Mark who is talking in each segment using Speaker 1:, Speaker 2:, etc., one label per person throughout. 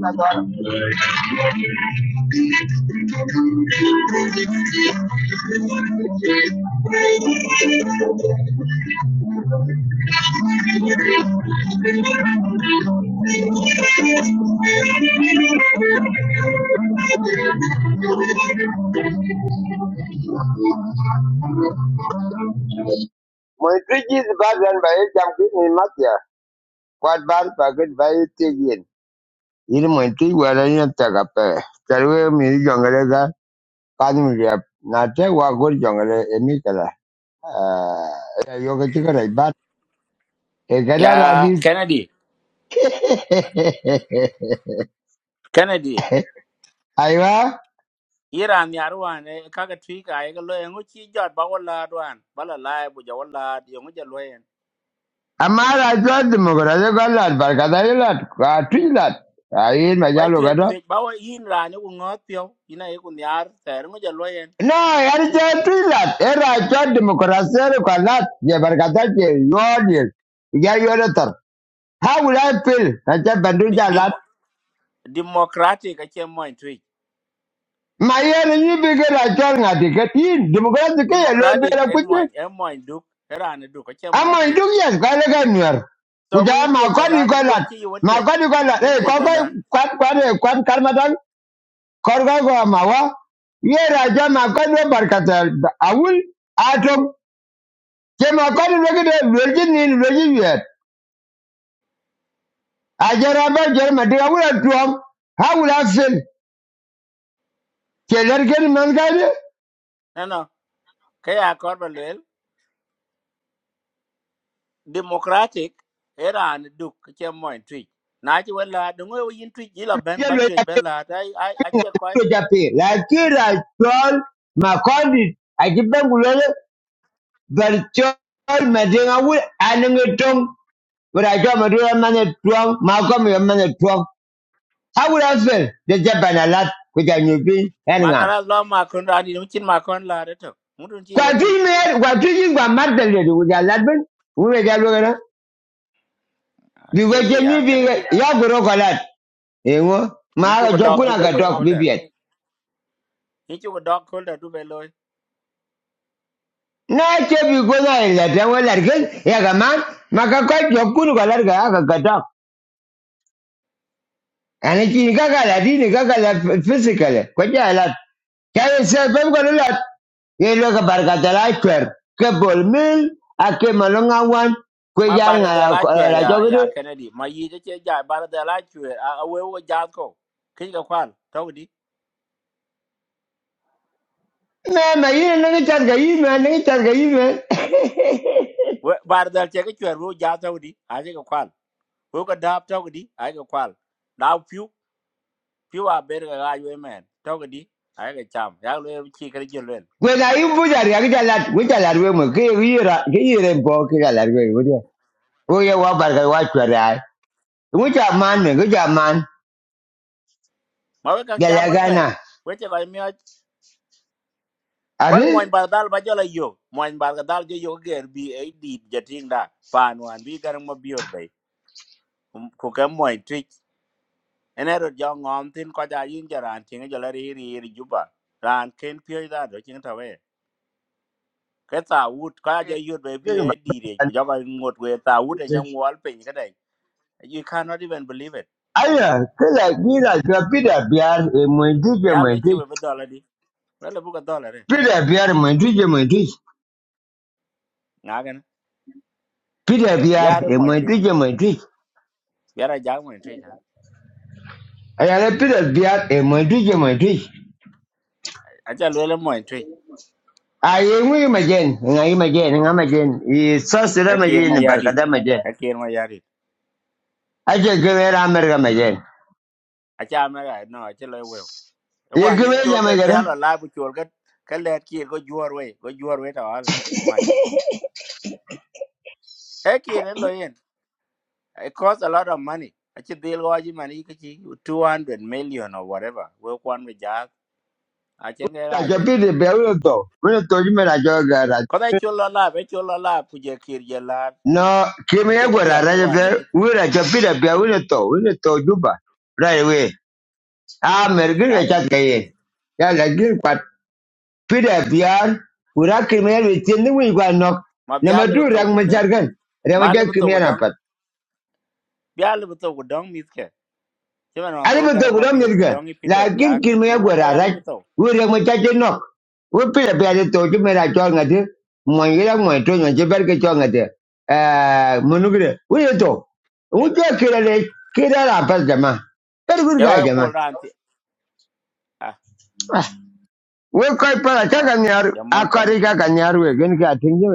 Speaker 1: Thank you. Mọi thứ chi thì ba lần bảy trăm cái này mất giờ. Quạt bán và cái bảy tiêu diệt. Ini mọi thứ qua đây nó ta gặp. Tại vì mình dọn cái đó kadung riap na te wa gur jong le emi kala ya yo ke chikara ibat e kada
Speaker 2: ya
Speaker 1: radi
Speaker 2: kennedy kennedy
Speaker 1: aiwa
Speaker 2: iran yar wan e kaga twika e ga loye ngo chi jot ba wala dwan bala lae bu ja wala yo ngo ja loyen
Speaker 1: amara jod mugura je galat bar kada ilat ka twilat ai ma
Speaker 2: wai
Speaker 1: jalo
Speaker 2: twe
Speaker 1: kada
Speaker 2: twe ba wa yin ran ngo ngot pyo ina e kun yar ter ngo ja loyen
Speaker 1: no yar je twilat era jod mugura ser kalat ye bar kada je yodil ya yodatar how will i feel na je bandu
Speaker 2: Di-
Speaker 1: jalat
Speaker 2: dim- democratic a che moin twi
Speaker 1: ma yer ni bigara jor ngati katin demokrat ke ye lo
Speaker 2: democratic
Speaker 1: bera
Speaker 2: e
Speaker 1: kuche
Speaker 2: moin e moin duk ran duk a che moin
Speaker 1: Ama
Speaker 2: twi
Speaker 1: iduk yes kwa lega nuer.
Speaker 2: so
Speaker 1: Kuja
Speaker 2: ngo yin
Speaker 1: ma
Speaker 2: twe la
Speaker 1: kwani
Speaker 2: la
Speaker 1: kwa
Speaker 2: ngo
Speaker 1: lat.
Speaker 2: dwan chi yo
Speaker 1: Ma
Speaker 2: twe
Speaker 1: kwani kwa lat.
Speaker 2: ngo
Speaker 1: Eh
Speaker 2: twe
Speaker 1: kwa
Speaker 2: la
Speaker 1: kwa
Speaker 2: la
Speaker 1: kwa kwa kwa karmatan korga kwa mawa. Ye raja ma kwani barkata awul atom. Ke ma kwani logi de logi ni logi yet. Ajara ba jer ma de awul atuam. Hawul afil. Ke lergen man gade.
Speaker 2: no no kaya korba democratic era ni duk che moin twi na chi wala dungo yo yin twi jila ben
Speaker 1: Ye
Speaker 2: ba
Speaker 1: lo
Speaker 2: twi
Speaker 1: ya pe
Speaker 2: ben la ta ai a che ko
Speaker 1: lo ya pe. La kira chol ma kwani akiben gulele. Berchol ma de awul anengetom But I draw my draw man twang, Malcolm your man twang. How would I feel? The Japan a lot with a new thing hanging
Speaker 2: ma
Speaker 1: on.
Speaker 2: kala lo ma kon ra ni chin ma kon la de to mudun chi wa
Speaker 1: Quite
Speaker 2: twi
Speaker 1: three men, quite three you were mad lady with a ladman. We were there looking at.
Speaker 2: a
Speaker 1: We
Speaker 2: che
Speaker 1: were
Speaker 2: yi ya
Speaker 1: genuine We
Speaker 2: kanadi
Speaker 1: Yaguro Galat. Ewo,
Speaker 2: ni chu
Speaker 1: mara
Speaker 2: ko dog du
Speaker 1: jokuna
Speaker 2: be
Speaker 1: ga
Speaker 2: lo
Speaker 1: dok
Speaker 2: ko der
Speaker 1: bibiet.
Speaker 2: ni chu ko dog ko der du be lo
Speaker 1: Na ce bi gona ila da wala gan ya ga ma maka ko jokun ga larga ga ga dok. يعني جيني قاقلة ديني قاقلة فيزيكالي كوجه لات كاي سيل بمقول لات yelo ka barkata la chwer ke bol mil ake malonga wan kwe
Speaker 2: ma
Speaker 1: jar
Speaker 2: bara
Speaker 1: nga
Speaker 2: de la chwer
Speaker 1: la
Speaker 2: ya
Speaker 1: jogre
Speaker 2: ya kanadi ma yi de che ja bara de la chwer a a we wo ja ko kin ga kwal to di
Speaker 1: me me yine ne tar ga yime ne tar ga yime
Speaker 2: we bara de che ga chwer wo ja to di a che ga kwal wo ga dab to di a ga kwal daw piu piwa ber ga ga yue men to ga di ai ga cham ya lu chi ka ji lu
Speaker 1: kwe la yimbu jar ya ga lat we jar we mo ke yira ke yire bo ke ga lar we we o ye man me ge man
Speaker 2: ma we kan
Speaker 1: ga la
Speaker 2: cham we pe we che ga mi ba mo in ba dal ba jola yo mo in ba ga dal jo yo ger bi ai di je ting da pan wan bi ga mo biur be ku ka mo in tri ene ro jo ngom tin ko ja yin ja ran ting jo la ri ri ri ju ba ran ken pye da do ching ta we cái tàu út có ai yêu về bi ấy đi đấy cứ cho vào một người tàu út này nhau ngó pin cái này you cannot even believe it
Speaker 1: Aya, kila gila jwa pida biar e mwendije
Speaker 2: ya lấy
Speaker 1: mwendije.
Speaker 2: chịu về đô la đi lấy là bút cái đô la
Speaker 1: Pida biar mwendije mwendije.
Speaker 2: ngagana
Speaker 1: Pida biar
Speaker 2: biara
Speaker 1: e
Speaker 2: moy tri
Speaker 1: mwendije mwendije.
Speaker 2: biara ja moy tri ha
Speaker 1: Aya le pida biar e mwendije mwendije.
Speaker 2: acha lele moy tri
Speaker 1: Aye ngui majen, ngai majen, ngai majen. I sosira
Speaker 2: akir
Speaker 1: majen,
Speaker 2: ma yadi
Speaker 1: barkada majen.
Speaker 2: akir ma yadi
Speaker 1: Aja gwera merga majen.
Speaker 2: acha me ga no acha le we e
Speaker 1: Ye
Speaker 2: wa ne
Speaker 1: gwera
Speaker 2: chol
Speaker 1: jama
Speaker 2: ga
Speaker 1: gara.
Speaker 2: biara la bu chol ga ka le kir go juar we go juar we ta wala ma e kir en lo yen it cost a lot of money acha deal go ji mani ka chi hundred million or whatever we kwan we ja acha ga ga
Speaker 1: Aja
Speaker 2: we
Speaker 1: pida biar ulo to. Ulo to jime la jwa
Speaker 2: ko da chol la be chol la pu je kir je la
Speaker 1: No, kime ya
Speaker 2: acha ga pya
Speaker 1: gwera
Speaker 2: le ga
Speaker 1: raja
Speaker 2: wa ne
Speaker 1: biar.
Speaker 2: tri
Speaker 1: Ulo aja pida biar ulo to. Ulo to juba. Right away. Ah, mergin ya
Speaker 2: ngagana
Speaker 1: chat kaye. Ya lagin kwat pida biar kura kimel witin ni wi gwa nok.
Speaker 2: ma
Speaker 1: Nama
Speaker 2: biara le
Speaker 1: du
Speaker 2: to
Speaker 1: rang majar kan. Rang majar kimel
Speaker 2: gudum
Speaker 1: apat.
Speaker 2: biya libu to ku dong mit ke chimen ma
Speaker 1: Ani
Speaker 2: to
Speaker 1: betul
Speaker 2: garan ma
Speaker 1: kura
Speaker 2: biyo ku
Speaker 1: merga.
Speaker 2: dong i peter
Speaker 1: Lagin
Speaker 2: biya you
Speaker 1: kimel
Speaker 2: know
Speaker 1: gwa
Speaker 2: ka ya libu
Speaker 1: rarat.
Speaker 2: to
Speaker 1: Wi rang majar je nok. Wi pida biar je toju mera chol ngadi. Mwen gira mwen to nyon je ber ke chol ngadi. Eh, munugre. Wi je to. Wi
Speaker 2: de
Speaker 1: kira le kira rapat jama. Pergur
Speaker 2: ya
Speaker 1: gaya
Speaker 2: we pol
Speaker 1: jama.
Speaker 2: ran ti ah
Speaker 1: Ah, Wi koi pala
Speaker 2: jamal
Speaker 1: chaka nyar.
Speaker 2: jamal
Speaker 1: Akari
Speaker 2: kennedy
Speaker 1: chaka nyar we. Gen ka tingje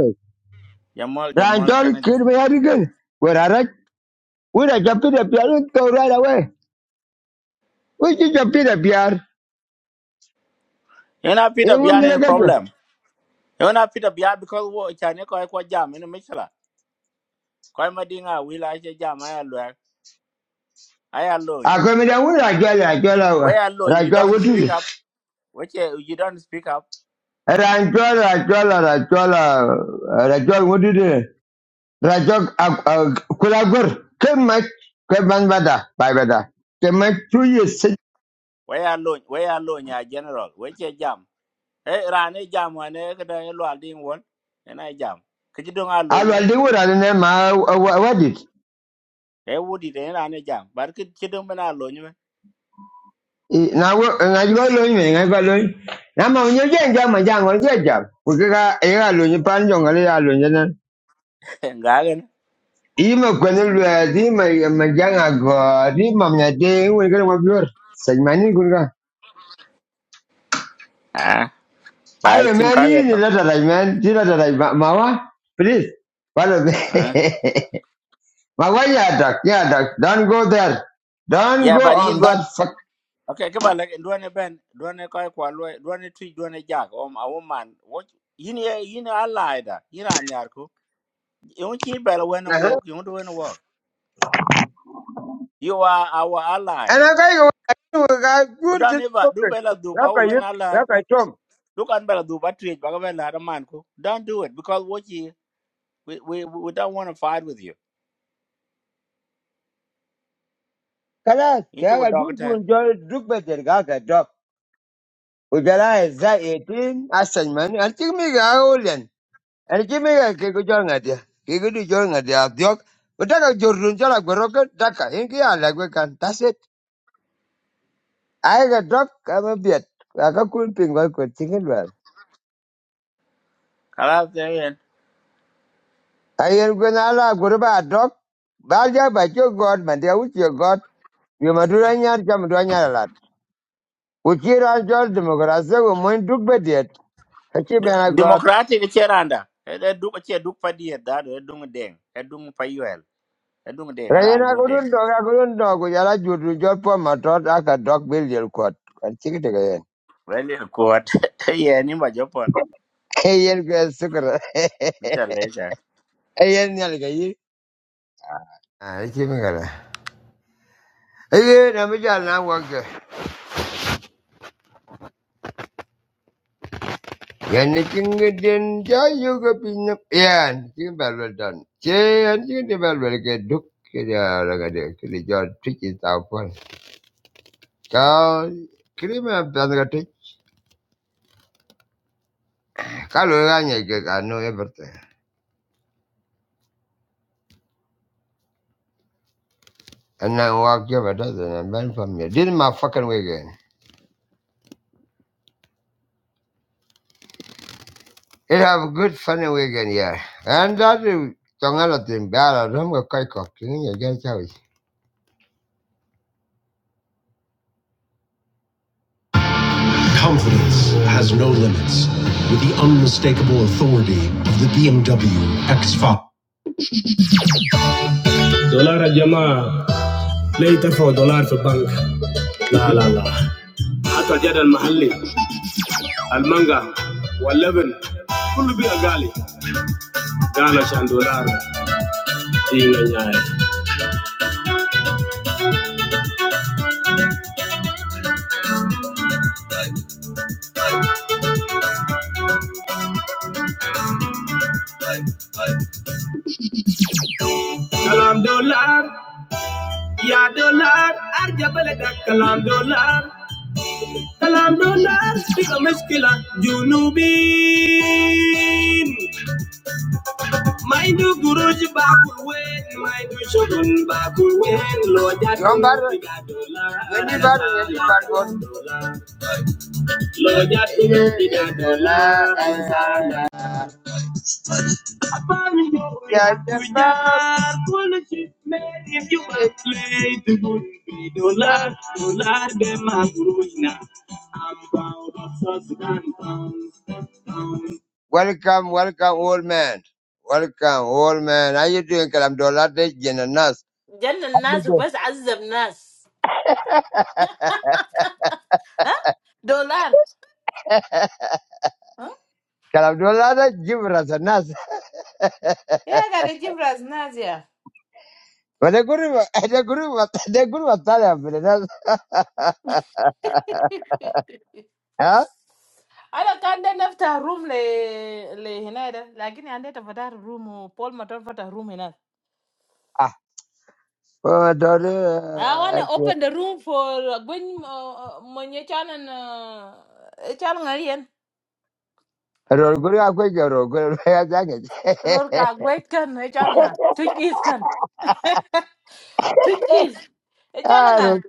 Speaker 2: jamal jamal
Speaker 1: Ranchol
Speaker 2: kennedy
Speaker 1: kid me again. Where I read, where I jump in the pier, and go right away. We should jump in the pier.
Speaker 2: you know peter
Speaker 1: You want
Speaker 2: biya
Speaker 1: me to
Speaker 2: in
Speaker 1: get you?
Speaker 2: problem you know peter biya because wo cha ne ko ai ko jam in michela ko ma dinga wi la che jam ai lo ai
Speaker 1: I
Speaker 2: alone
Speaker 1: come in there, where I get it, I get
Speaker 2: we
Speaker 1: it.
Speaker 2: alone you
Speaker 1: Ranchol,
Speaker 2: don't
Speaker 1: what is
Speaker 2: speak up
Speaker 1: it?
Speaker 2: we you don't speak up
Speaker 1: Ranchol, Ranchol, Ranchol, Ranchol, what is it? Ranchol, Kulagur, Kemet, Kemet Bada, by Bada. Kemet, two years.
Speaker 2: we alone we alone ya general we jam e rane jam wane kada e lwal ding won ena e jam ke chidong a lo
Speaker 1: I
Speaker 2: nyi
Speaker 1: will
Speaker 2: ben
Speaker 1: do what I don't know, what is it?
Speaker 2: e wudi de rane jam bar ke chidong ben a lo nyi ben
Speaker 1: I- na wo nga ji ba lo ni me, nga ba lo ni. na ma nyu je nja ma ja ngo je ja ku ke ga e ga lo ni pan jo nga le ya lo ni na
Speaker 2: nga gen
Speaker 1: i ma ko ni lo di ma ma ja nga go di ma nya de wo ga ma bior sa ma ni gun ga
Speaker 2: ah
Speaker 1: ai
Speaker 2: ba e
Speaker 1: ma
Speaker 2: chin ka
Speaker 1: ni
Speaker 2: ge
Speaker 1: ni
Speaker 2: to
Speaker 1: la da dai man ti la da dai ma ma wa please ba lo be
Speaker 2: ah
Speaker 1: ma wa ya da ya da don't go there don't
Speaker 2: ya
Speaker 1: go
Speaker 2: bar
Speaker 1: on
Speaker 2: yin don
Speaker 1: that fuck
Speaker 2: okay ke ba le don e ben don e ka kwa lo don e twi don e jak om a woman what yin ye yin e a lie da yin an yar ko yon chi bel wen
Speaker 1: uh-huh.
Speaker 2: mo yon do wen wo you are our
Speaker 1: and
Speaker 2: ally
Speaker 1: i ga go ga good to
Speaker 2: Don't ever
Speaker 1: talk
Speaker 2: do bela do
Speaker 1: ya
Speaker 2: ba
Speaker 1: ka yi
Speaker 2: wen ally
Speaker 1: ya ka
Speaker 2: Look at Bella Duba trade Bagabella man ko. Don't do it because what we we we don't want to fight with you
Speaker 1: Kala
Speaker 2: you go
Speaker 1: kaga duk
Speaker 2: doctor
Speaker 1: gunjol duk beter gaga dok. Ujala eza 18 asan man. Antik mi ga olen. Antik mi ga ke gujol ngadia. Ke gudu jol ngadia diok. Utaka jorun jala goroka daka. Inki ala gwe kan. That's it. Ai ga dok kama biet. Aka kun pingwal ko tingin wal.
Speaker 2: kala then
Speaker 1: Ayer gwen ala goroba dok. Balja ba jo god man dia uchi god. Yo madura nyar jam do nyar lat. Uchi ra jol demokrasia go moin duk bediet. Achi bena god.
Speaker 2: democratic cheranda e de du che du pa die da do dung deng e dung pa yuel e dung deng ara
Speaker 1: Kayena
Speaker 2: dung deng
Speaker 1: kudun dog, a kudun dog, we are you to job for my tot, I can dog bill your court. And chicken again.
Speaker 2: well in court yeah ni ma jopon
Speaker 1: Kayen girl sugar. Ayen yalga. I chicken girl. Ayen, I'm a jal now worker. Yan chicken din, jay you go pin up. Yan, chicken bell well done. Chay and chicken the bell well get duke. Kaya laga de, kili jol trick is out one. Cow, krima panga trick. Kalu ganya, I know everything. And I walk over a dozen and bend from here. This is my fucking way again. It have a good funny weekend, yeah. And that is tongana bad. I don't go kai kok. Kini ya gen Confidence has no limits with the unmistakable authority of the BMW X5. دولار يا جماعة لا يدفعوا دولار في البنك لا لا لا حتى الجدل المحلي المانجا واللبن كله بقى غالي قال عشان دولار دينا نهاية كلام دولار يا دولار أرجع بلدك كلام دولار Kalamdola sika meskila junubin Maindu guruji bakul wen Maindu shogun bakul wen Loja Yon tunu bar, tiga dolar yeni bar, yeni bar gol. Loja tunu tiga dolar Apani yo Ya bar, kujar Kulishi made in US Lay good dolar Dolar dem a I'm proud of South Sudan Welcome, welcome, old man. Welcome, old man. How you doing, Kalamdolade Jenanas?
Speaker 3: جن الناس وبس عذب ناس ها دولار ها
Speaker 1: Kalamdolade Gibrasanas.
Speaker 3: يا قاعد يجيب راس ناس يا
Speaker 1: But the guru, the guru, the guru was telling me that.
Speaker 3: أخي.
Speaker 1: Huh?
Speaker 3: انا كان ده نفتح روم ل لهنا ده لكن عندي فتح روم بول ما فتح روم هنا
Speaker 1: Ah, oh,
Speaker 3: I want to
Speaker 1: Dole,
Speaker 3: open the room for when when you can uh channel ngarian
Speaker 1: Roguru, I'm going to Roguru. I think
Speaker 3: ror ka
Speaker 1: it.
Speaker 3: wait kan e can nga trick is kan trick is e can
Speaker 1: Ah,
Speaker 3: nga
Speaker 1: Ro-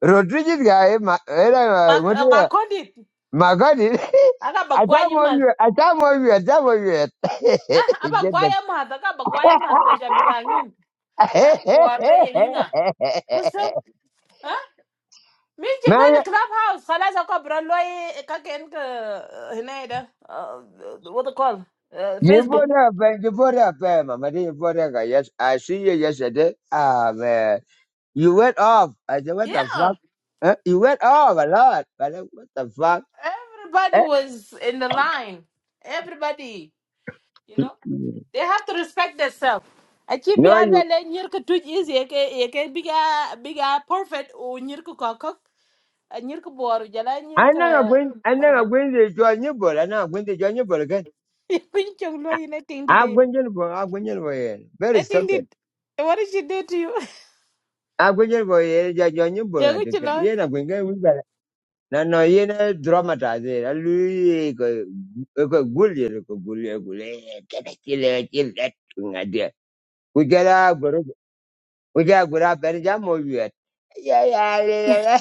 Speaker 1: Rodriguez guy, ma. eh,
Speaker 3: ma
Speaker 1: what is
Speaker 3: ma
Speaker 1: it?
Speaker 3: kondit
Speaker 1: My God,
Speaker 3: aga
Speaker 1: I don't
Speaker 3: bagwaye
Speaker 1: want
Speaker 3: mas
Speaker 1: you, I don't want I
Speaker 3: ah aba
Speaker 1: don't want you.
Speaker 3: gwaye mas aga bagwaye mas da jambirangin ها وري ينا قصة ها مين
Speaker 1: Mary,
Speaker 3: جبان كلاب هاوس خلاص اكو برلوي كاكين هنا ده what they call uh,
Speaker 1: you
Speaker 3: Facebook
Speaker 1: brought up, uh, you brought up, uh, Mama, you brought up, uh, yes, I see you yesterday. Ah, man, you went off. I said, what the fuck?
Speaker 3: yeah
Speaker 1: Huh? You went off a lot. I said, what the fuck? Eh?
Speaker 3: everybody was in the line everybody you know they have to respect themselves Aci bi
Speaker 1: No,
Speaker 3: alwe
Speaker 1: you.
Speaker 3: le nyir ke tuj is ye ke biga biga perfect o nyir ke kokok nyir ke boru jala nyir
Speaker 1: I'm
Speaker 3: ke
Speaker 1: not going. I'm not
Speaker 3: barkan.
Speaker 1: going to join you, but I'm not going to join you, but again,
Speaker 3: Pin chong lo ina ting
Speaker 1: I'm going to join. I'm going to join. Very
Speaker 3: I think
Speaker 1: stupid.
Speaker 3: did what did she do to you?
Speaker 1: I'm going to join. Join you, but
Speaker 3: Yeah,
Speaker 1: I
Speaker 3: good
Speaker 1: think.
Speaker 3: to know.
Speaker 1: Yeah, I'm going to. go. na no yen a dramatize a lui ko ko gulie ko gulie gulie ke ke chile chile nga dia ku gara goro ku gara gora ben jam mo yet ya ya le le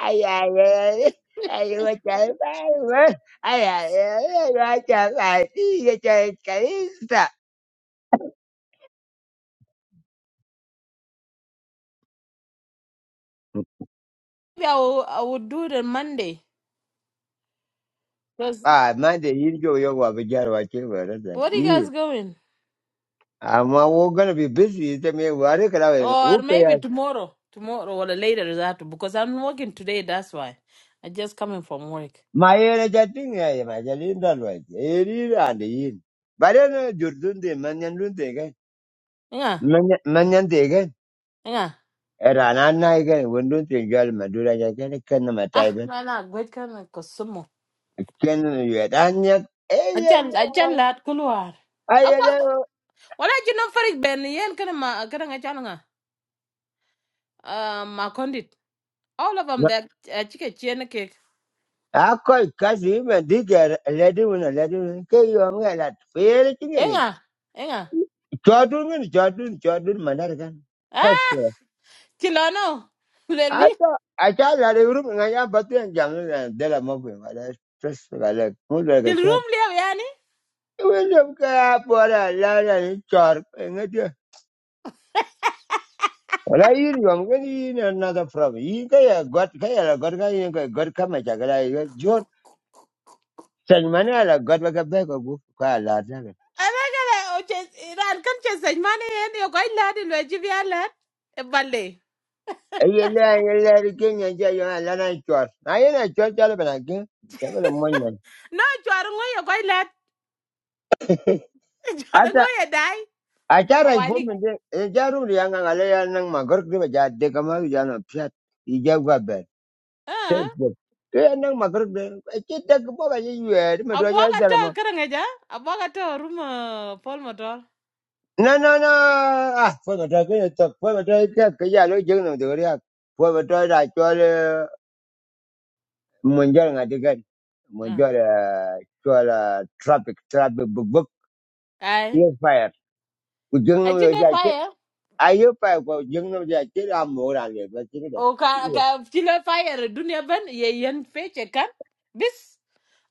Speaker 1: ay ya le le ay wa cha ba wa ay ya le le wa cha ba ti ye cha ka sta
Speaker 3: Maybe I will, I will do it on Monday. Cause
Speaker 1: ah man de yin jo yo wa be jar wa che ba ra da
Speaker 3: what are you
Speaker 1: yin
Speaker 3: guys going?
Speaker 1: I'm uh, we're gonna be busy. I mean, we're
Speaker 3: Or maybe
Speaker 1: gonna
Speaker 3: tomorrow. Tomorrow or later is after because I'm working today, that's why. I just coming from work.
Speaker 1: Mayere chatting ay majalinda lwaj. Eri ande yin. Barena jurdun de manyan dun de gan.
Speaker 3: Yeah,
Speaker 1: Manyan de gan.
Speaker 3: yeah.
Speaker 1: Erana na gan wundun te gal madura ja jan ken na matai
Speaker 3: Ah,
Speaker 1: ben.
Speaker 3: man, I great kind of consumer.
Speaker 1: Ken yet anya.
Speaker 3: I
Speaker 1: Eye
Speaker 3: just
Speaker 1: yo.
Speaker 3: I just lad kuluar. Apa?
Speaker 1: Ayele.
Speaker 3: Wala jino farik ben yen kana ma kana nga nga Uh, ma condit. All of them that uh, chicken chene cake.
Speaker 1: Akol kasi ben diga ledi wuna ledi wuna. Ke yo mga lat. Fere chingengi.
Speaker 3: Enga, enga.
Speaker 1: Chodun gan chodun chodun manar gan.
Speaker 3: Ah, chilono. Leli.
Speaker 1: Hata achala de grupo nga ya batu yang jangan yang dalam mobil ada stress kala muda ke
Speaker 3: Chil
Speaker 1: cor.
Speaker 3: room liya yani.
Speaker 1: William ke apa ada la la ni cor ingat dia. Ola ini yang kan ini another problem. Ini kaya god kaya la god kaya ini kaya god kama cakala ya jor. Sen mana la god baga baga bu kala ada kan.
Speaker 3: Anakala oche iran kan che sej mane yen yo koi lad ilwe jivi a E balle.
Speaker 1: Aye la aye la rikin yang jaya yang la na cor. Aye na cor cala benar ke. Cala mon mon.
Speaker 3: No chwar ngoy yo koi lad. Chwar ngoy e dai.
Speaker 1: Acara ipo
Speaker 3: Awalik.
Speaker 1: mende ejaru ri anga ngale ya nang magor de baja de kama ya na psat ija gua ber.
Speaker 3: Ah.
Speaker 1: Tesbo. Ke nang magor de kita ke boga ye ye me do
Speaker 3: Abwa
Speaker 1: nya
Speaker 3: ka
Speaker 1: jala
Speaker 3: to
Speaker 1: ma.
Speaker 3: karang eja. Abwa to rum ah, Paul Motor.
Speaker 1: Na na na ah fo ma ke to fo ma ta ke ke ya lo jeng no de ria. Fo ma da chole munjal ngade
Speaker 3: Ah.
Speaker 1: Munjal chole traffic traffic buk buk
Speaker 3: Ai.
Speaker 1: ye fire. Ku jeng no yo
Speaker 3: Achine
Speaker 1: ja ke.
Speaker 3: fire.
Speaker 1: Ayo pa ko jeng no ja ke am mo ra le ba ke
Speaker 3: O ka
Speaker 1: de.
Speaker 3: ka chile fire dunia ben ye yen feche kan. Bis.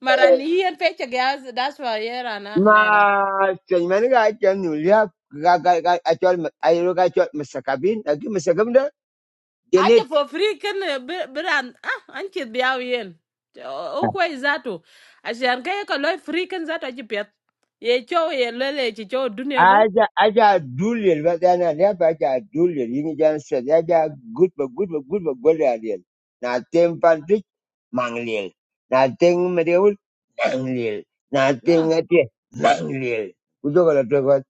Speaker 3: Marani yen feche gas that's why yer ana
Speaker 1: Ma, change mani ka change niulia ka ka ka acho ayo ka cho mister cabin. Ako mister kamera.
Speaker 3: aje
Speaker 1: Janet.
Speaker 3: for free kan biran ah an ke biyaw yen o ko zato asian kay ko loy free kan zato ji pet ye cho ye lele ji cho dunia ban
Speaker 1: Aja aja duli. I mean aja duli. I mean change niulia aja good bo good bo good bo good niulia. Nothing fantastic. Mangliel. Nothing madamul. Mangliel. Nothing
Speaker 3: no
Speaker 1: a tia. Mangliel. Udo kala tu kwa.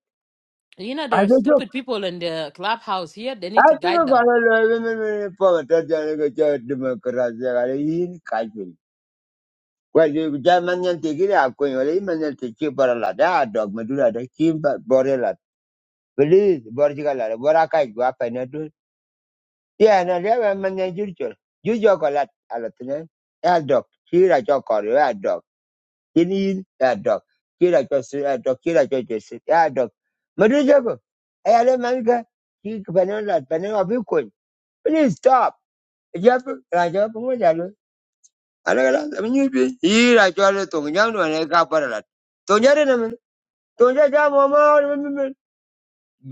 Speaker 3: you know there are
Speaker 1: Aduju.
Speaker 3: stupid people in the clubhouse here they need to
Speaker 1: Aduju
Speaker 3: guide them
Speaker 1: kala loe. Mimi mimi. Pama taja ni kocha dema kuraza kala hi ni kajuli. Well, you just manyan take it out, when you leave manyan take it, but a dog, Madura, the team, but Borilla, Belize, Borgala, what I can go up and do. Yeah, and I never manyan judicial. You joke a lot, Alatan, a dog, here I joke or a dog, in in a dog, here I just a dog, here I just a dog. Madura, I had a manga, he banana, banana of you could. Please stop. Jump, I jump, ala kala la nyu bi yi ra cho le tong nyang no ne ka par la to nya re na men to nya ja mo ma me me me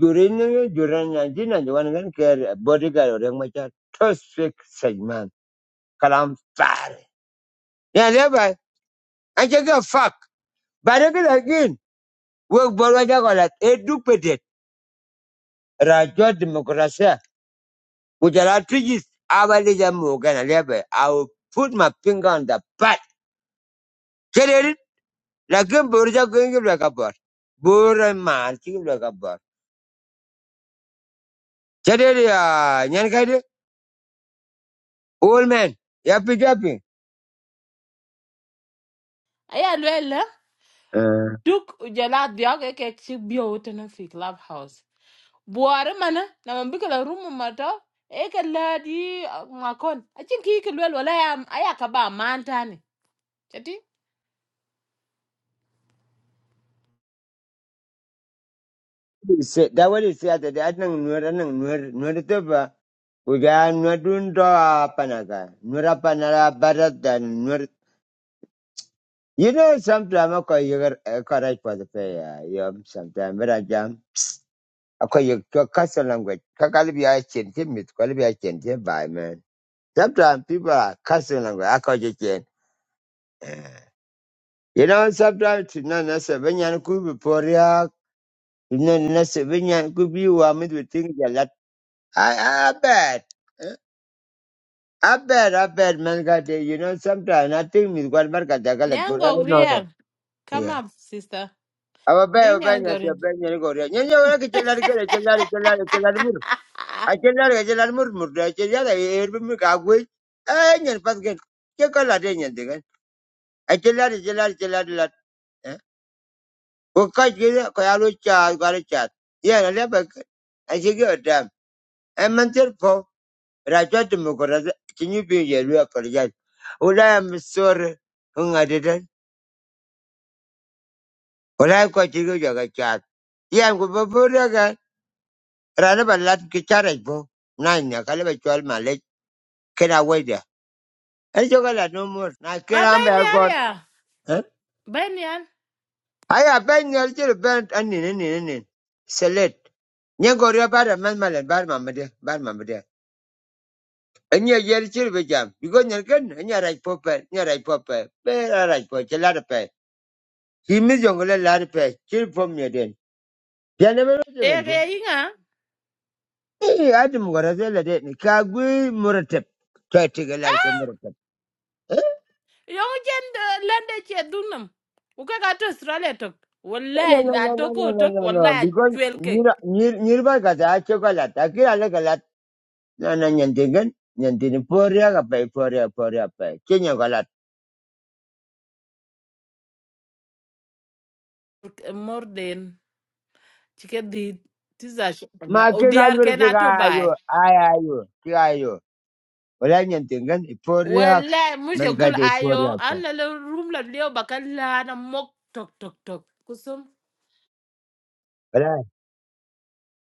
Speaker 1: jure ne jure nya ji na jo wan gan ke body ga re ma cha to speak segment kalam far ya le ba a che ga fuck ba re ga gin we bo ra ja ko la e du pe de ra jo demokrasia ku ja la tri ji ja mo ga na le ba i will put my finger on the butt Lakin borja gönge laka bor. Bora mal ki laka bor. Chadere ya nyan kade old man. Yapi japi.
Speaker 3: aya lele duk jala biyaw ke ke ci biyaw tan fi clubhouse buare mana na man bikala rumu mata e ka ladi ma kon acin ki ke lwel wala ya aya ka ba mantani chati
Speaker 1: Se da se ata de atnang nuer anang nuer nuer to ba. Uja panara barat dan nuer. You know sometimes I call you correct for the pay. Yeah, sometimes but I jam. I call you to custom language. Kakali bi a chen te mit. Kakali bi a chen by man. Sometimes people are custom language. I call you chen. Eh. You know, sometimes you know, that's a when you could be poor, yeah, you know, that's a when you could be warm with things a lot. I, I bet. Eh, I bet, I bet, man, got it. You know, sometimes I think me got mark at the gallet, but I
Speaker 3: nyango
Speaker 1: don't know.
Speaker 3: grier Come
Speaker 1: Yeah.
Speaker 3: up, sister.
Speaker 1: I bet, I
Speaker 3: Bring
Speaker 1: bet,
Speaker 3: your
Speaker 1: I
Speaker 3: gorin.
Speaker 1: bet, you go there. You know, I can tell her, tell her, tell her, tell her, tell her, mur. I tell her, tell her, mur, mur, I tell her, I hear me go away. Eh, you're not going. You call her, then you're I tell her, tell her, tell her, tell her. Ku kaj gi ko yalu chat gwari chat. Ye na lebe a shigi o dam. E mentir po rajo demokrasi kinyi bi ye lu apologize. Wala am sorry hunga dedan. Wala ko chigo jaga chat. Ye am ku babura ga rana ba lat ki charaj po. Na nya kale ba chwal malek kena wede. E joga la no more. Na
Speaker 3: Ma
Speaker 1: kera ambe
Speaker 3: ben yan
Speaker 1: akot.
Speaker 3: ya. Ben yan.
Speaker 1: Aya ben nyal ben anin anin anin. Select. Nyen gori ba da man malen bar mamade Anya yer chir be jam. Because nyan ken anya raj pope, anya raj pope, be a raj po chelada pe. He mis yong le lada pe, chir pom ye den. Yana be lo
Speaker 3: Eh,
Speaker 1: jemen po.
Speaker 3: eh, inga.
Speaker 1: Eh, adi gora zela den. Ka gui muratep. Ka tiga lada ke muratep. Eh,
Speaker 3: Yung jen de lende che dunam. Uka ka to Australia tok.
Speaker 1: No,
Speaker 3: Wallahi
Speaker 1: no,
Speaker 3: na
Speaker 1: no, no, no,
Speaker 3: toko tok.
Speaker 1: no, no, no.
Speaker 3: Wallahi
Speaker 1: Because
Speaker 3: chwel
Speaker 1: nir
Speaker 3: ke.
Speaker 1: nir nirba kata chocolate. Aki ala kalat. No, no, nyantingan. Nyantin poria ka pe, poria, poria pe. Kenya kalat.
Speaker 3: More than. Chike di. Tiza shi. wallahi.
Speaker 1: Ma ke ka
Speaker 3: Udiar
Speaker 1: nur
Speaker 3: ke
Speaker 1: ayu
Speaker 3: na
Speaker 1: ka
Speaker 3: to
Speaker 1: ayo,
Speaker 3: bai.
Speaker 1: ay Walai nyantingan iporiak.
Speaker 3: Wallahi mushe
Speaker 1: Man
Speaker 3: gul
Speaker 1: kata iporiak
Speaker 3: ayo.
Speaker 1: pun.
Speaker 3: An lele room la leo bakal la na mok tok tok tok. Kusum.
Speaker 1: Walai.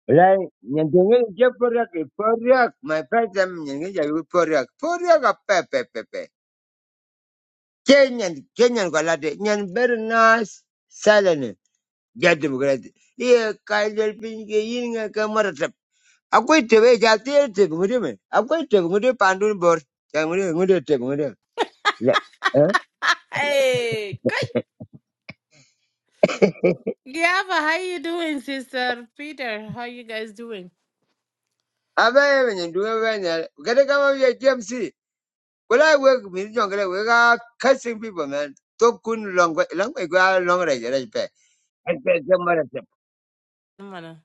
Speaker 1: Walai nyantingan iporiak. Iporiak. My friend sam nyantingan jaga iporiak. Iporiak apa pe pe pe. Kenyan. Kenyan kalau ada. Nyan bernas. Salah Jadi bukan. Iya kaidal pinjai ini ngan kamar tep. Aku itu bejati itu mengudi me. Aku itu mengudi pandun bor. Yang mengudi mengudi itu mengudi. Ya. Eh?
Speaker 3: Hey, Yeah, but how you doing, Sister Peter? How you guys doing?
Speaker 1: Apa yang menyentuh apa yang? Kadang-kadang dia jam sih. When I work with young, we are cursing people, man. Talk kun long, long, we go long range, right? I Pay. I pay somewhere else.
Speaker 3: Mana.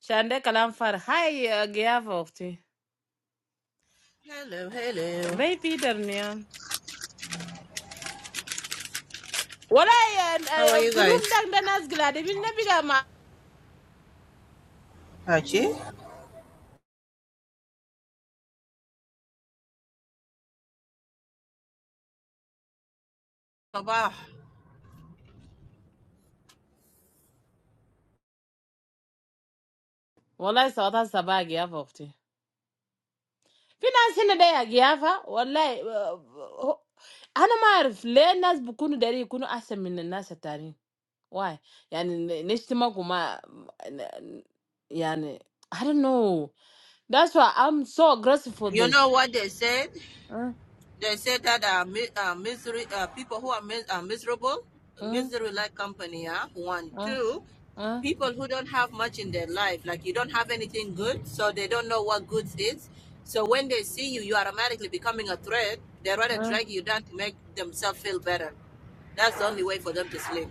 Speaker 3: Shande kalam far. Hi, uh, Giava ofti.
Speaker 4: Hello, hello.
Speaker 3: Bay Peter niyan. Walai
Speaker 4: How are you
Speaker 3: room
Speaker 4: guys?
Speaker 3: dak da nas glade bin na biga ma.
Speaker 4: Hachi? Baba,
Speaker 3: Walai sauta sabah Giava ofti. Fi nas hina da ya Giava. Walai. Ana ma arif le nas bukunu dari kunu ahsan min nas atani. Why? Yani nishtima kuma. Yani I don't know. That's why I'm so aggressive for
Speaker 4: you
Speaker 3: this.
Speaker 4: know what they said?
Speaker 3: uh,
Speaker 4: They said that uh, mi- uh, misery, uh, people who are, mis- are miserable,
Speaker 3: uh,
Speaker 4: misery like company, huh? One,
Speaker 3: uh,
Speaker 4: two,
Speaker 3: uh,
Speaker 4: people who don't have much in their life, like you don't have anything good, so they don't know what goods is. So when they see you, you automatically becoming a threat. They rather
Speaker 3: uh.
Speaker 4: drag you down to make themselves feel better. That's the only way for them to sleep.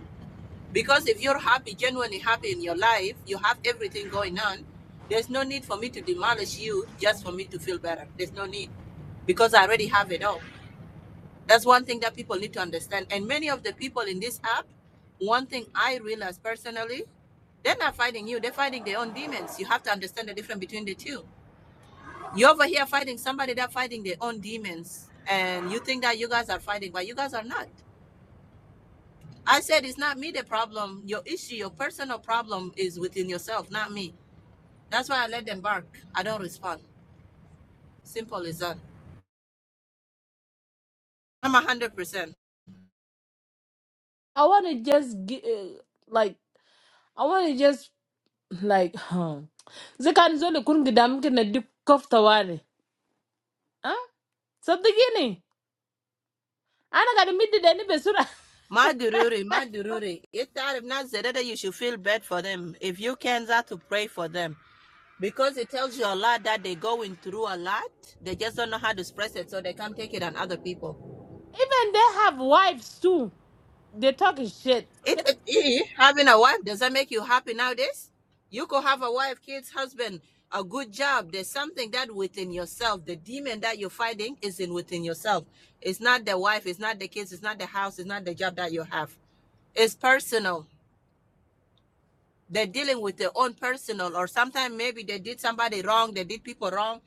Speaker 4: Because if you're happy, genuinely happy in your life, you have everything going on, there's no need for me to demolish you just for me to feel better. There's no need because I already have it all. That's one thing that people need to understand. And many of the people in this app, one thing I realized personally, they're not fighting you, they're fighting their own demons. You have to understand the difference between the two. You're over here fighting somebody that's fighting their own demons. And you think that you guys are fighting, but you guys are not. I said it's not me the problem. Your issue, your personal problem is within yourself, not me. That's why I let them bark. I don't respond. Simple as that. I'm a hundred percent.
Speaker 3: I want to just get, uh, like, I want to just, like, huh. Zakan zole kun gidam kina dip kofta wani. Huh? So the guinea. Ana gada middi da ni besura.
Speaker 4: My dururi, my dururi. If that if not you should feel bad for them. If you can that to pray for them. Because it tells you a lot that they're going through a lot. They just don't know how to express it, so they can't take it on other people.
Speaker 3: Even they have wives too. They talking shit.
Speaker 4: It, it, eh, having a wife does that make you happy nowadays? You could have a wife, kids, husband, a good job. There's something that within yourself, the demon that you're fighting is in within yourself. It's not the wife, it's not the kids, it's not the house, it's not the job that you have. It's personal. They're dealing with their own personal, or sometimes maybe they did somebody wrong, they did people wrong.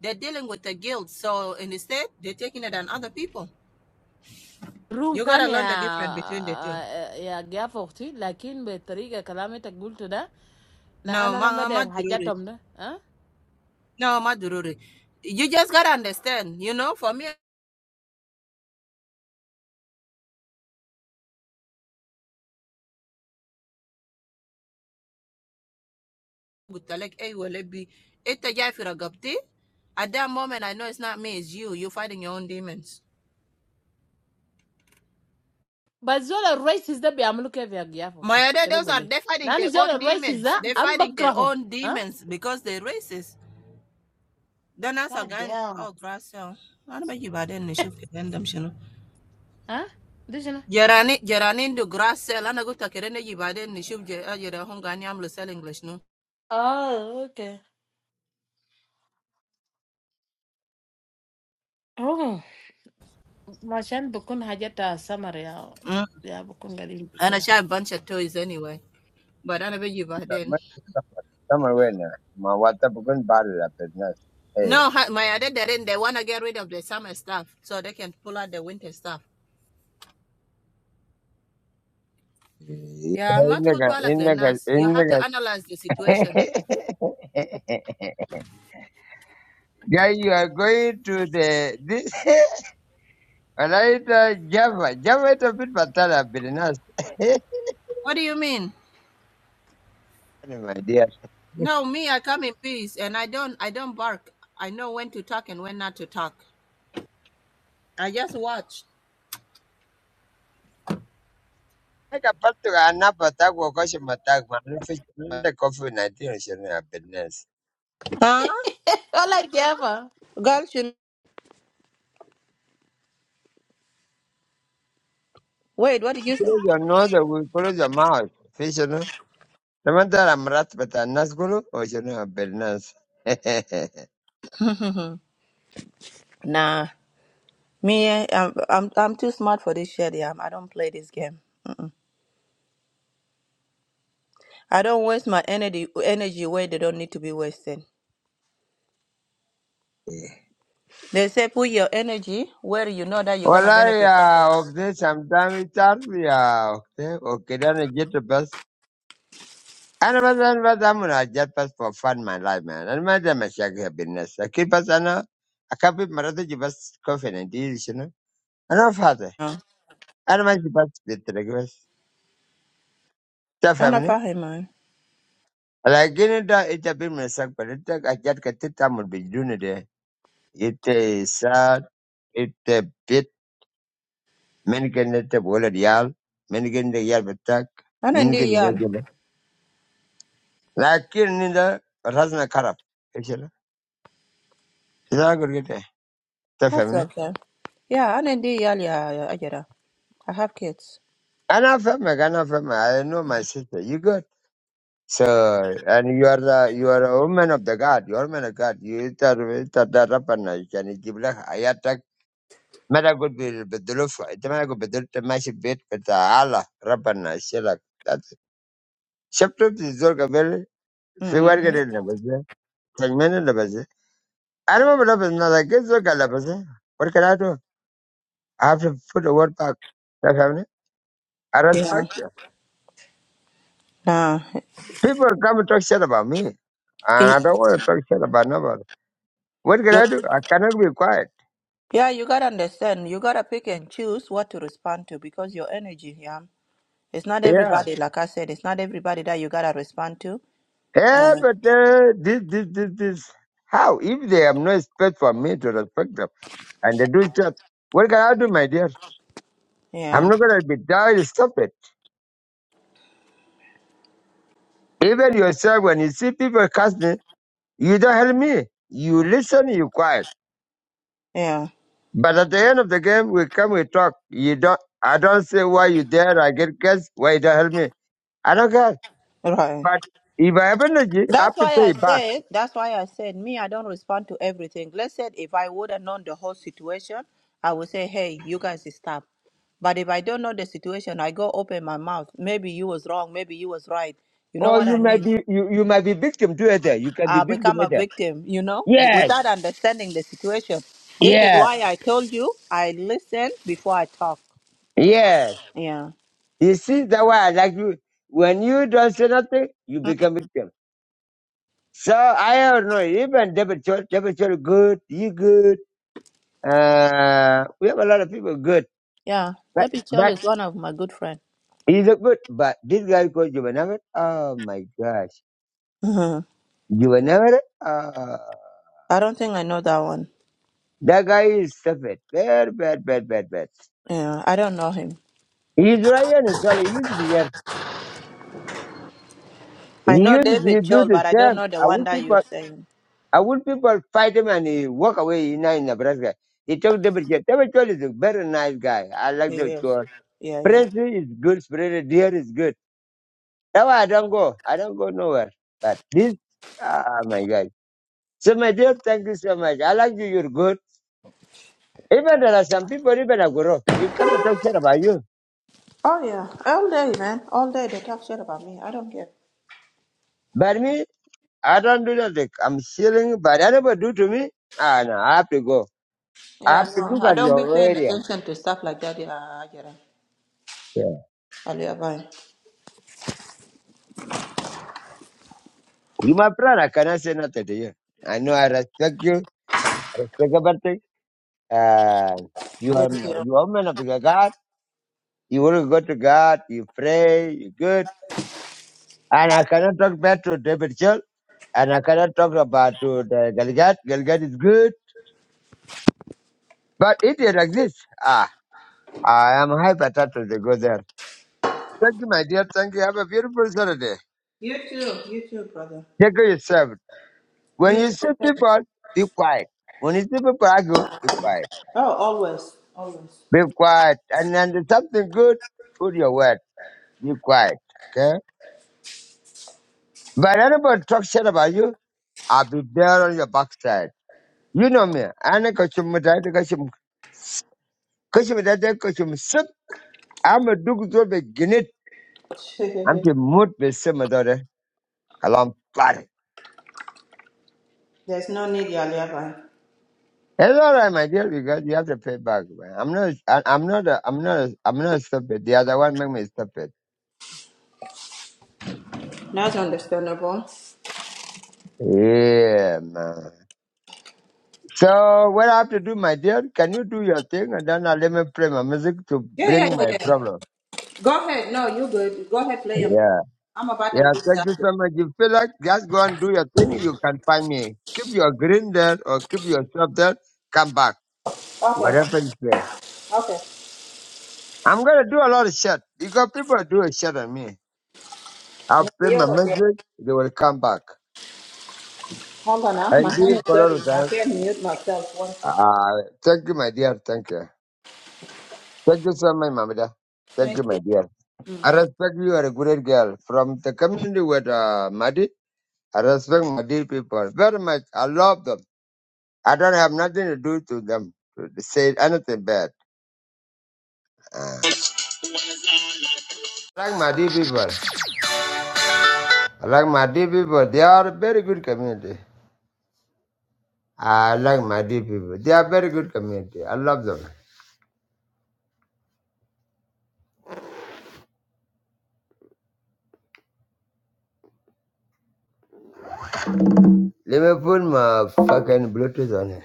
Speaker 4: They're dealing with the guilt. So instead, they're taking it on other people.
Speaker 3: Room
Speaker 4: You
Speaker 3: kan
Speaker 4: gotta learn
Speaker 3: ya
Speaker 4: the difference between the two.
Speaker 3: eh, ya gafa ukti lakin betriga kalamita gultu da la
Speaker 4: No,
Speaker 3: ana na madar
Speaker 4: mama,
Speaker 3: hajatom da. ah?
Speaker 4: No, Madururi. You just gotta understand, you know, for me, like, hey, well, it be, it a guy for a gupti. At that moment, I know it's not me, it's you. You're fighting your own demons.
Speaker 3: But zola racist, the be I'm looking for a guy for you.
Speaker 4: My other,
Speaker 3: Can you
Speaker 4: those are,
Speaker 3: believe?
Speaker 4: they're fighting
Speaker 3: Now,
Speaker 4: their
Speaker 3: if
Speaker 4: own
Speaker 3: zola racist,
Speaker 4: demons. They're
Speaker 3: I'm
Speaker 4: fighting their
Speaker 3: background.
Speaker 4: own
Speaker 3: Huh?
Speaker 4: demons because they're racist. Then as
Speaker 3: God
Speaker 4: again,
Speaker 3: damn.
Speaker 4: oh, grass cell. I don't know you bad in the ship, then you can them, you know.
Speaker 3: Huh? Did you know?
Speaker 4: Jerani, Jerani, do grass cell. I go to Kerene, you bad in the ship, you're the Hungarian, I'm selling English, no.
Speaker 3: Oh, okay. Oh, my child, become happy to summer, yeah.
Speaker 4: Mm.
Speaker 3: Yeah, become getting to go
Speaker 4: And I
Speaker 3: there.
Speaker 4: share a bunch of toys anyway. But I don't know you bad in.
Speaker 1: Somewhere, somewhere where na. Ma wata bukun baru business. Hey.
Speaker 4: No, ha- my other didn't. They want to get rid of the summer stuff so they can pull out the winter stuff. Yeah, not
Speaker 1: Innaga,
Speaker 4: like
Speaker 1: innaga,
Speaker 4: Lenas. You have
Speaker 1: innaga.
Speaker 4: to analyze the situation.
Speaker 1: Yeah, you are going to the this. Alaita Java, Java to bit batala business.
Speaker 4: What do you mean?
Speaker 1: My dear.
Speaker 4: No, me, I come in peace and I don't I don't bark. I know when to talk and when not to talk. I just watch.
Speaker 1: Mega Patrick Anapata Wakoshimatak manufacturing the COVID nineteen is in a business.
Speaker 4: Huh?
Speaker 3: I like the other.
Speaker 4: Girl, you wait, what did you say?
Speaker 1: Kile yo no de wikolo yo mao fishano. Tamanta la mrat bata nasgulu o shono business.
Speaker 4: hmm Nah. Me, eh, I'm, I'm I'm too smart for this shit. Yeah, I don't play this game. I don't waste my energy energy where they don't need to be wasted. They say put your energy where you know that you're gonna
Speaker 1: Walai
Speaker 4: benefit something
Speaker 1: ya
Speaker 4: out of it.
Speaker 1: okte sometime itar ya okte okidana jet bus. Ana bata bata muna jet bus for fun my life man. Ana bata mashaki business. Akil bus ana akapi marata jibas COVID nineteen shono. Ana fata.
Speaker 4: Yeah.
Speaker 1: Ana majibas bitrek The
Speaker 4: I am not
Speaker 1: family.
Speaker 4: know man.
Speaker 1: But that is a bit more special. That I just can't tell my children. That it is sad. It's a pity. Many can't tell the whole deal. Many can't hear about it.
Speaker 4: I don't
Speaker 1: Many
Speaker 4: do y'all.
Speaker 1: don't know. But that is not enough. Is it not? What are you talking about? The
Speaker 4: That's
Speaker 1: family.
Speaker 4: okay. Yeah, I don't do y'all. Yeah, yeah, I get it. I have kids.
Speaker 1: I'm a family. I'm a family. I know my sister. You good? Sir, and you are the you are a woman of the God. You are a woman of God. You are the the daughter of the God. You can read the ayat. ما لا اقول بي- بدلوه في- انت ما أنا اقول بدلت ماشي البيت بتاع الله ربنا يشيلك شفته في الزول قبل في ورقه
Speaker 4: Mm-hmm.
Speaker 1: اللي لبسها سلمان اللي لبسها انا ما بلبس نظر كيف زول قال لبسها ورقه I have to put the word back. That's happening. I
Speaker 4: Yeah.
Speaker 1: respect you.
Speaker 4: Nah.
Speaker 1: People come and talk shit about me. And
Speaker 4: It,
Speaker 1: I don't want to talk shit about nobody. What can
Speaker 4: you,
Speaker 1: I do? I cannot be quiet.
Speaker 4: yeah, you gotta understand. You gotta pick and choose what to respond to because your energy. Yeah. It's not
Speaker 1: Yeah.
Speaker 4: everybody. Like I said, it's not everybody that you gotta respond to.
Speaker 1: Yeah,
Speaker 4: And
Speaker 1: but uh, this, this, this, this, how? If they have no space for me to respect them and they do stuff, what can I do, my dear? I'm
Speaker 4: yeah,
Speaker 1: not going to be tired. Stop it. Even yourself, when you see people cuss me, you don't help me. You listen, you quiet.
Speaker 4: yeah,
Speaker 1: But at the end of the game, we come, we talk. You don't, I don't say why you there. I get cussed. Why you don't help me? I don't care.
Speaker 4: right.
Speaker 1: But if I have energy, I have
Speaker 4: That's
Speaker 1: to
Speaker 4: why
Speaker 1: pay
Speaker 4: I
Speaker 1: it back.
Speaker 4: said, that's why I said, me, I don't respond to everything. Let's say if I would have known the whole situation, I would say, hey, you guys stop. But if I don't know the situation, I go open my mouth. Maybe you was wrong. Maybe you was right. You know
Speaker 1: Or
Speaker 4: what
Speaker 1: you
Speaker 4: I
Speaker 1: might
Speaker 4: mean?
Speaker 1: be you, you might be victim to it. You can be
Speaker 4: I
Speaker 1: victim
Speaker 4: become a
Speaker 1: either.
Speaker 4: victim, you know,
Speaker 1: Yes.
Speaker 4: without understanding the situation. This is
Speaker 1: Yeah,
Speaker 4: why I told you I listen before I talk.
Speaker 1: yeah.
Speaker 4: Yeah.
Speaker 1: You see, that why I like you. When you don't say nothing, you become victim. So I don't know. Even David Chol, David Chol, good. You good. Uh, we have a lot of people good,
Speaker 4: Yeah.
Speaker 1: but
Speaker 4: Debbie Chell
Speaker 1: but
Speaker 4: is one of my good friends.
Speaker 1: he's a good. But this guy called Juvenile. Oh my gosh,
Speaker 4: hmm
Speaker 1: Juvenile. Uh,
Speaker 4: I don't think I know that one.
Speaker 1: that guy is stupid. Bad, bad, bad, bad, bad.
Speaker 4: Yeah. I don't know him.
Speaker 1: He's right here in Australia. He used to be here. He
Speaker 4: I know
Speaker 1: used to be
Speaker 4: David
Speaker 1: do
Speaker 4: Chol,
Speaker 1: the
Speaker 4: but I don't
Speaker 1: same.
Speaker 4: know the
Speaker 1: I
Speaker 4: one
Speaker 1: wish
Speaker 4: that
Speaker 1: you.
Speaker 4: you're saying.
Speaker 1: I would people fight him and he walk away in, in Nebraska. He took David Chol. David Chol is a very nice guy. I like
Speaker 4: He
Speaker 1: David
Speaker 4: is.
Speaker 1: Chol.
Speaker 4: Yeah, yeah.
Speaker 1: Prince is good, Spirit Deer is good. That's why I don't go. I don't go nowhere. But this, ah, my God. So, my dear, thank you so much. I like you. You're good. Even there are some people, even I grow, they come and talk shit about you.
Speaker 4: Oh yeah, all day, man, all day. They talk shit about me. I don't care.
Speaker 1: But me, I don't do that. Like, I'm chilling, but anybody do to me, ah, no, I have to go. I
Speaker 4: Yeah,
Speaker 1: have to
Speaker 4: no,
Speaker 1: look
Speaker 4: I
Speaker 1: at
Speaker 4: don't be
Speaker 1: your
Speaker 4: paying
Speaker 1: area.
Speaker 4: attention to stuff like that. Yeah, I get it.
Speaker 1: Yeah.
Speaker 4: Alia, bye.
Speaker 1: You my brother. I cannot say nothing to you. I know I respect you. I respect everything. Uh, you are
Speaker 4: Thank you.
Speaker 1: you are man of God. You want to go to God. You pray. You good. And I cannot talk bad to David Chill. And I cannot talk about to the Galgat. Galgat is good, but it is like this. Ah, I am hyper to the go there. Thank you, my dear. Thank you. Have a beautiful Saturday.
Speaker 4: You too. You too, brother.
Speaker 1: Take care of yourself. When
Speaker 4: You
Speaker 1: you
Speaker 4: too.
Speaker 1: see people, be quiet. When you see people argue, be quiet.
Speaker 4: Oh, always, always.
Speaker 1: Be quiet. And then there's something good, put your word. Be quiet. Okay? But anybody talk shit about you, I'll be there on your backside. You know me. I know Kachum Mutai, Kachum Kachum Mutai, Kachum Sip. I'm a Duke Zobe Ginit. I'm the mood with Simadore. Kalam Pari.
Speaker 4: There's no need, Alia, bye.
Speaker 1: It's all right, my dear, because you have to pay back. Man. I'm not, I, I'm not, a, I'm not, a, I'm not stupid. The other one make me stupid.
Speaker 4: That's understandable.
Speaker 1: Yeah, man. So what I have to do, my dear, can you do your thing and then I let me play my music to
Speaker 4: Yeah, yeah,
Speaker 1: bring my
Speaker 4: yeah, yeah.
Speaker 1: problem?
Speaker 4: Go ahead. No, you good. Go ahead, play 'em.
Speaker 1: Yeah.
Speaker 4: I'm about to
Speaker 1: Yeah,
Speaker 4: lose
Speaker 1: thank
Speaker 4: that.
Speaker 1: you so much. You feel like just go and do your thing, you can find me. Keep your green there or keep yourself there, come back.
Speaker 4: Okay,
Speaker 1: Whatever you feel.
Speaker 4: okay.
Speaker 1: I'm gonna do a lot of shit because people do a shit on me.
Speaker 4: No,
Speaker 1: I'll play my
Speaker 4: you're okay.
Speaker 1: music, they will come back.
Speaker 4: Hold on, now.
Speaker 1: I
Speaker 4: my hand
Speaker 1: do
Speaker 4: is
Speaker 1: a lot
Speaker 4: dirty.
Speaker 1: of
Speaker 4: I
Speaker 1: time.
Speaker 4: can't mute myself one second.
Speaker 1: Uh, thank you, my dear, thank you. Thank you so much, Mamada.
Speaker 4: Thank
Speaker 1: Thank
Speaker 4: you.
Speaker 1: you, my dear. I respect you are a great girl from the community with uh, Madi. I respect Madi people very much. I love them. I don't have nothing to do to them to say anything bad. I like Madi people. I like Madi people. They are a very good community. I like Madi people. They are very good community. I love them. Let me put my fucking Bluetooth on it.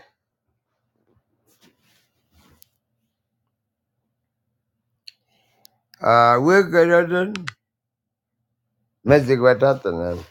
Speaker 1: Uh, we're good. Music, what happened?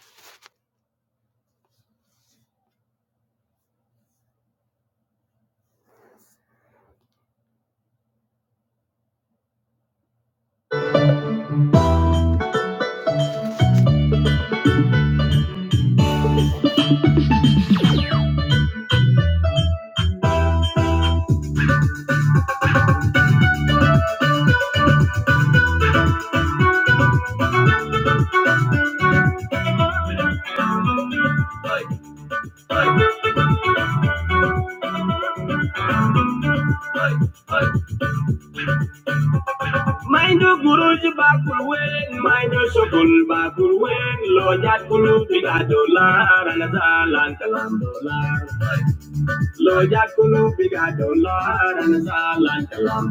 Speaker 1: Mind Mindu guruji bakul wen, mindu shokul bakul wen, lojat kulu biga dolar, anazalan kalam dolar. Lojat kulu biga dolar, anazalan kalam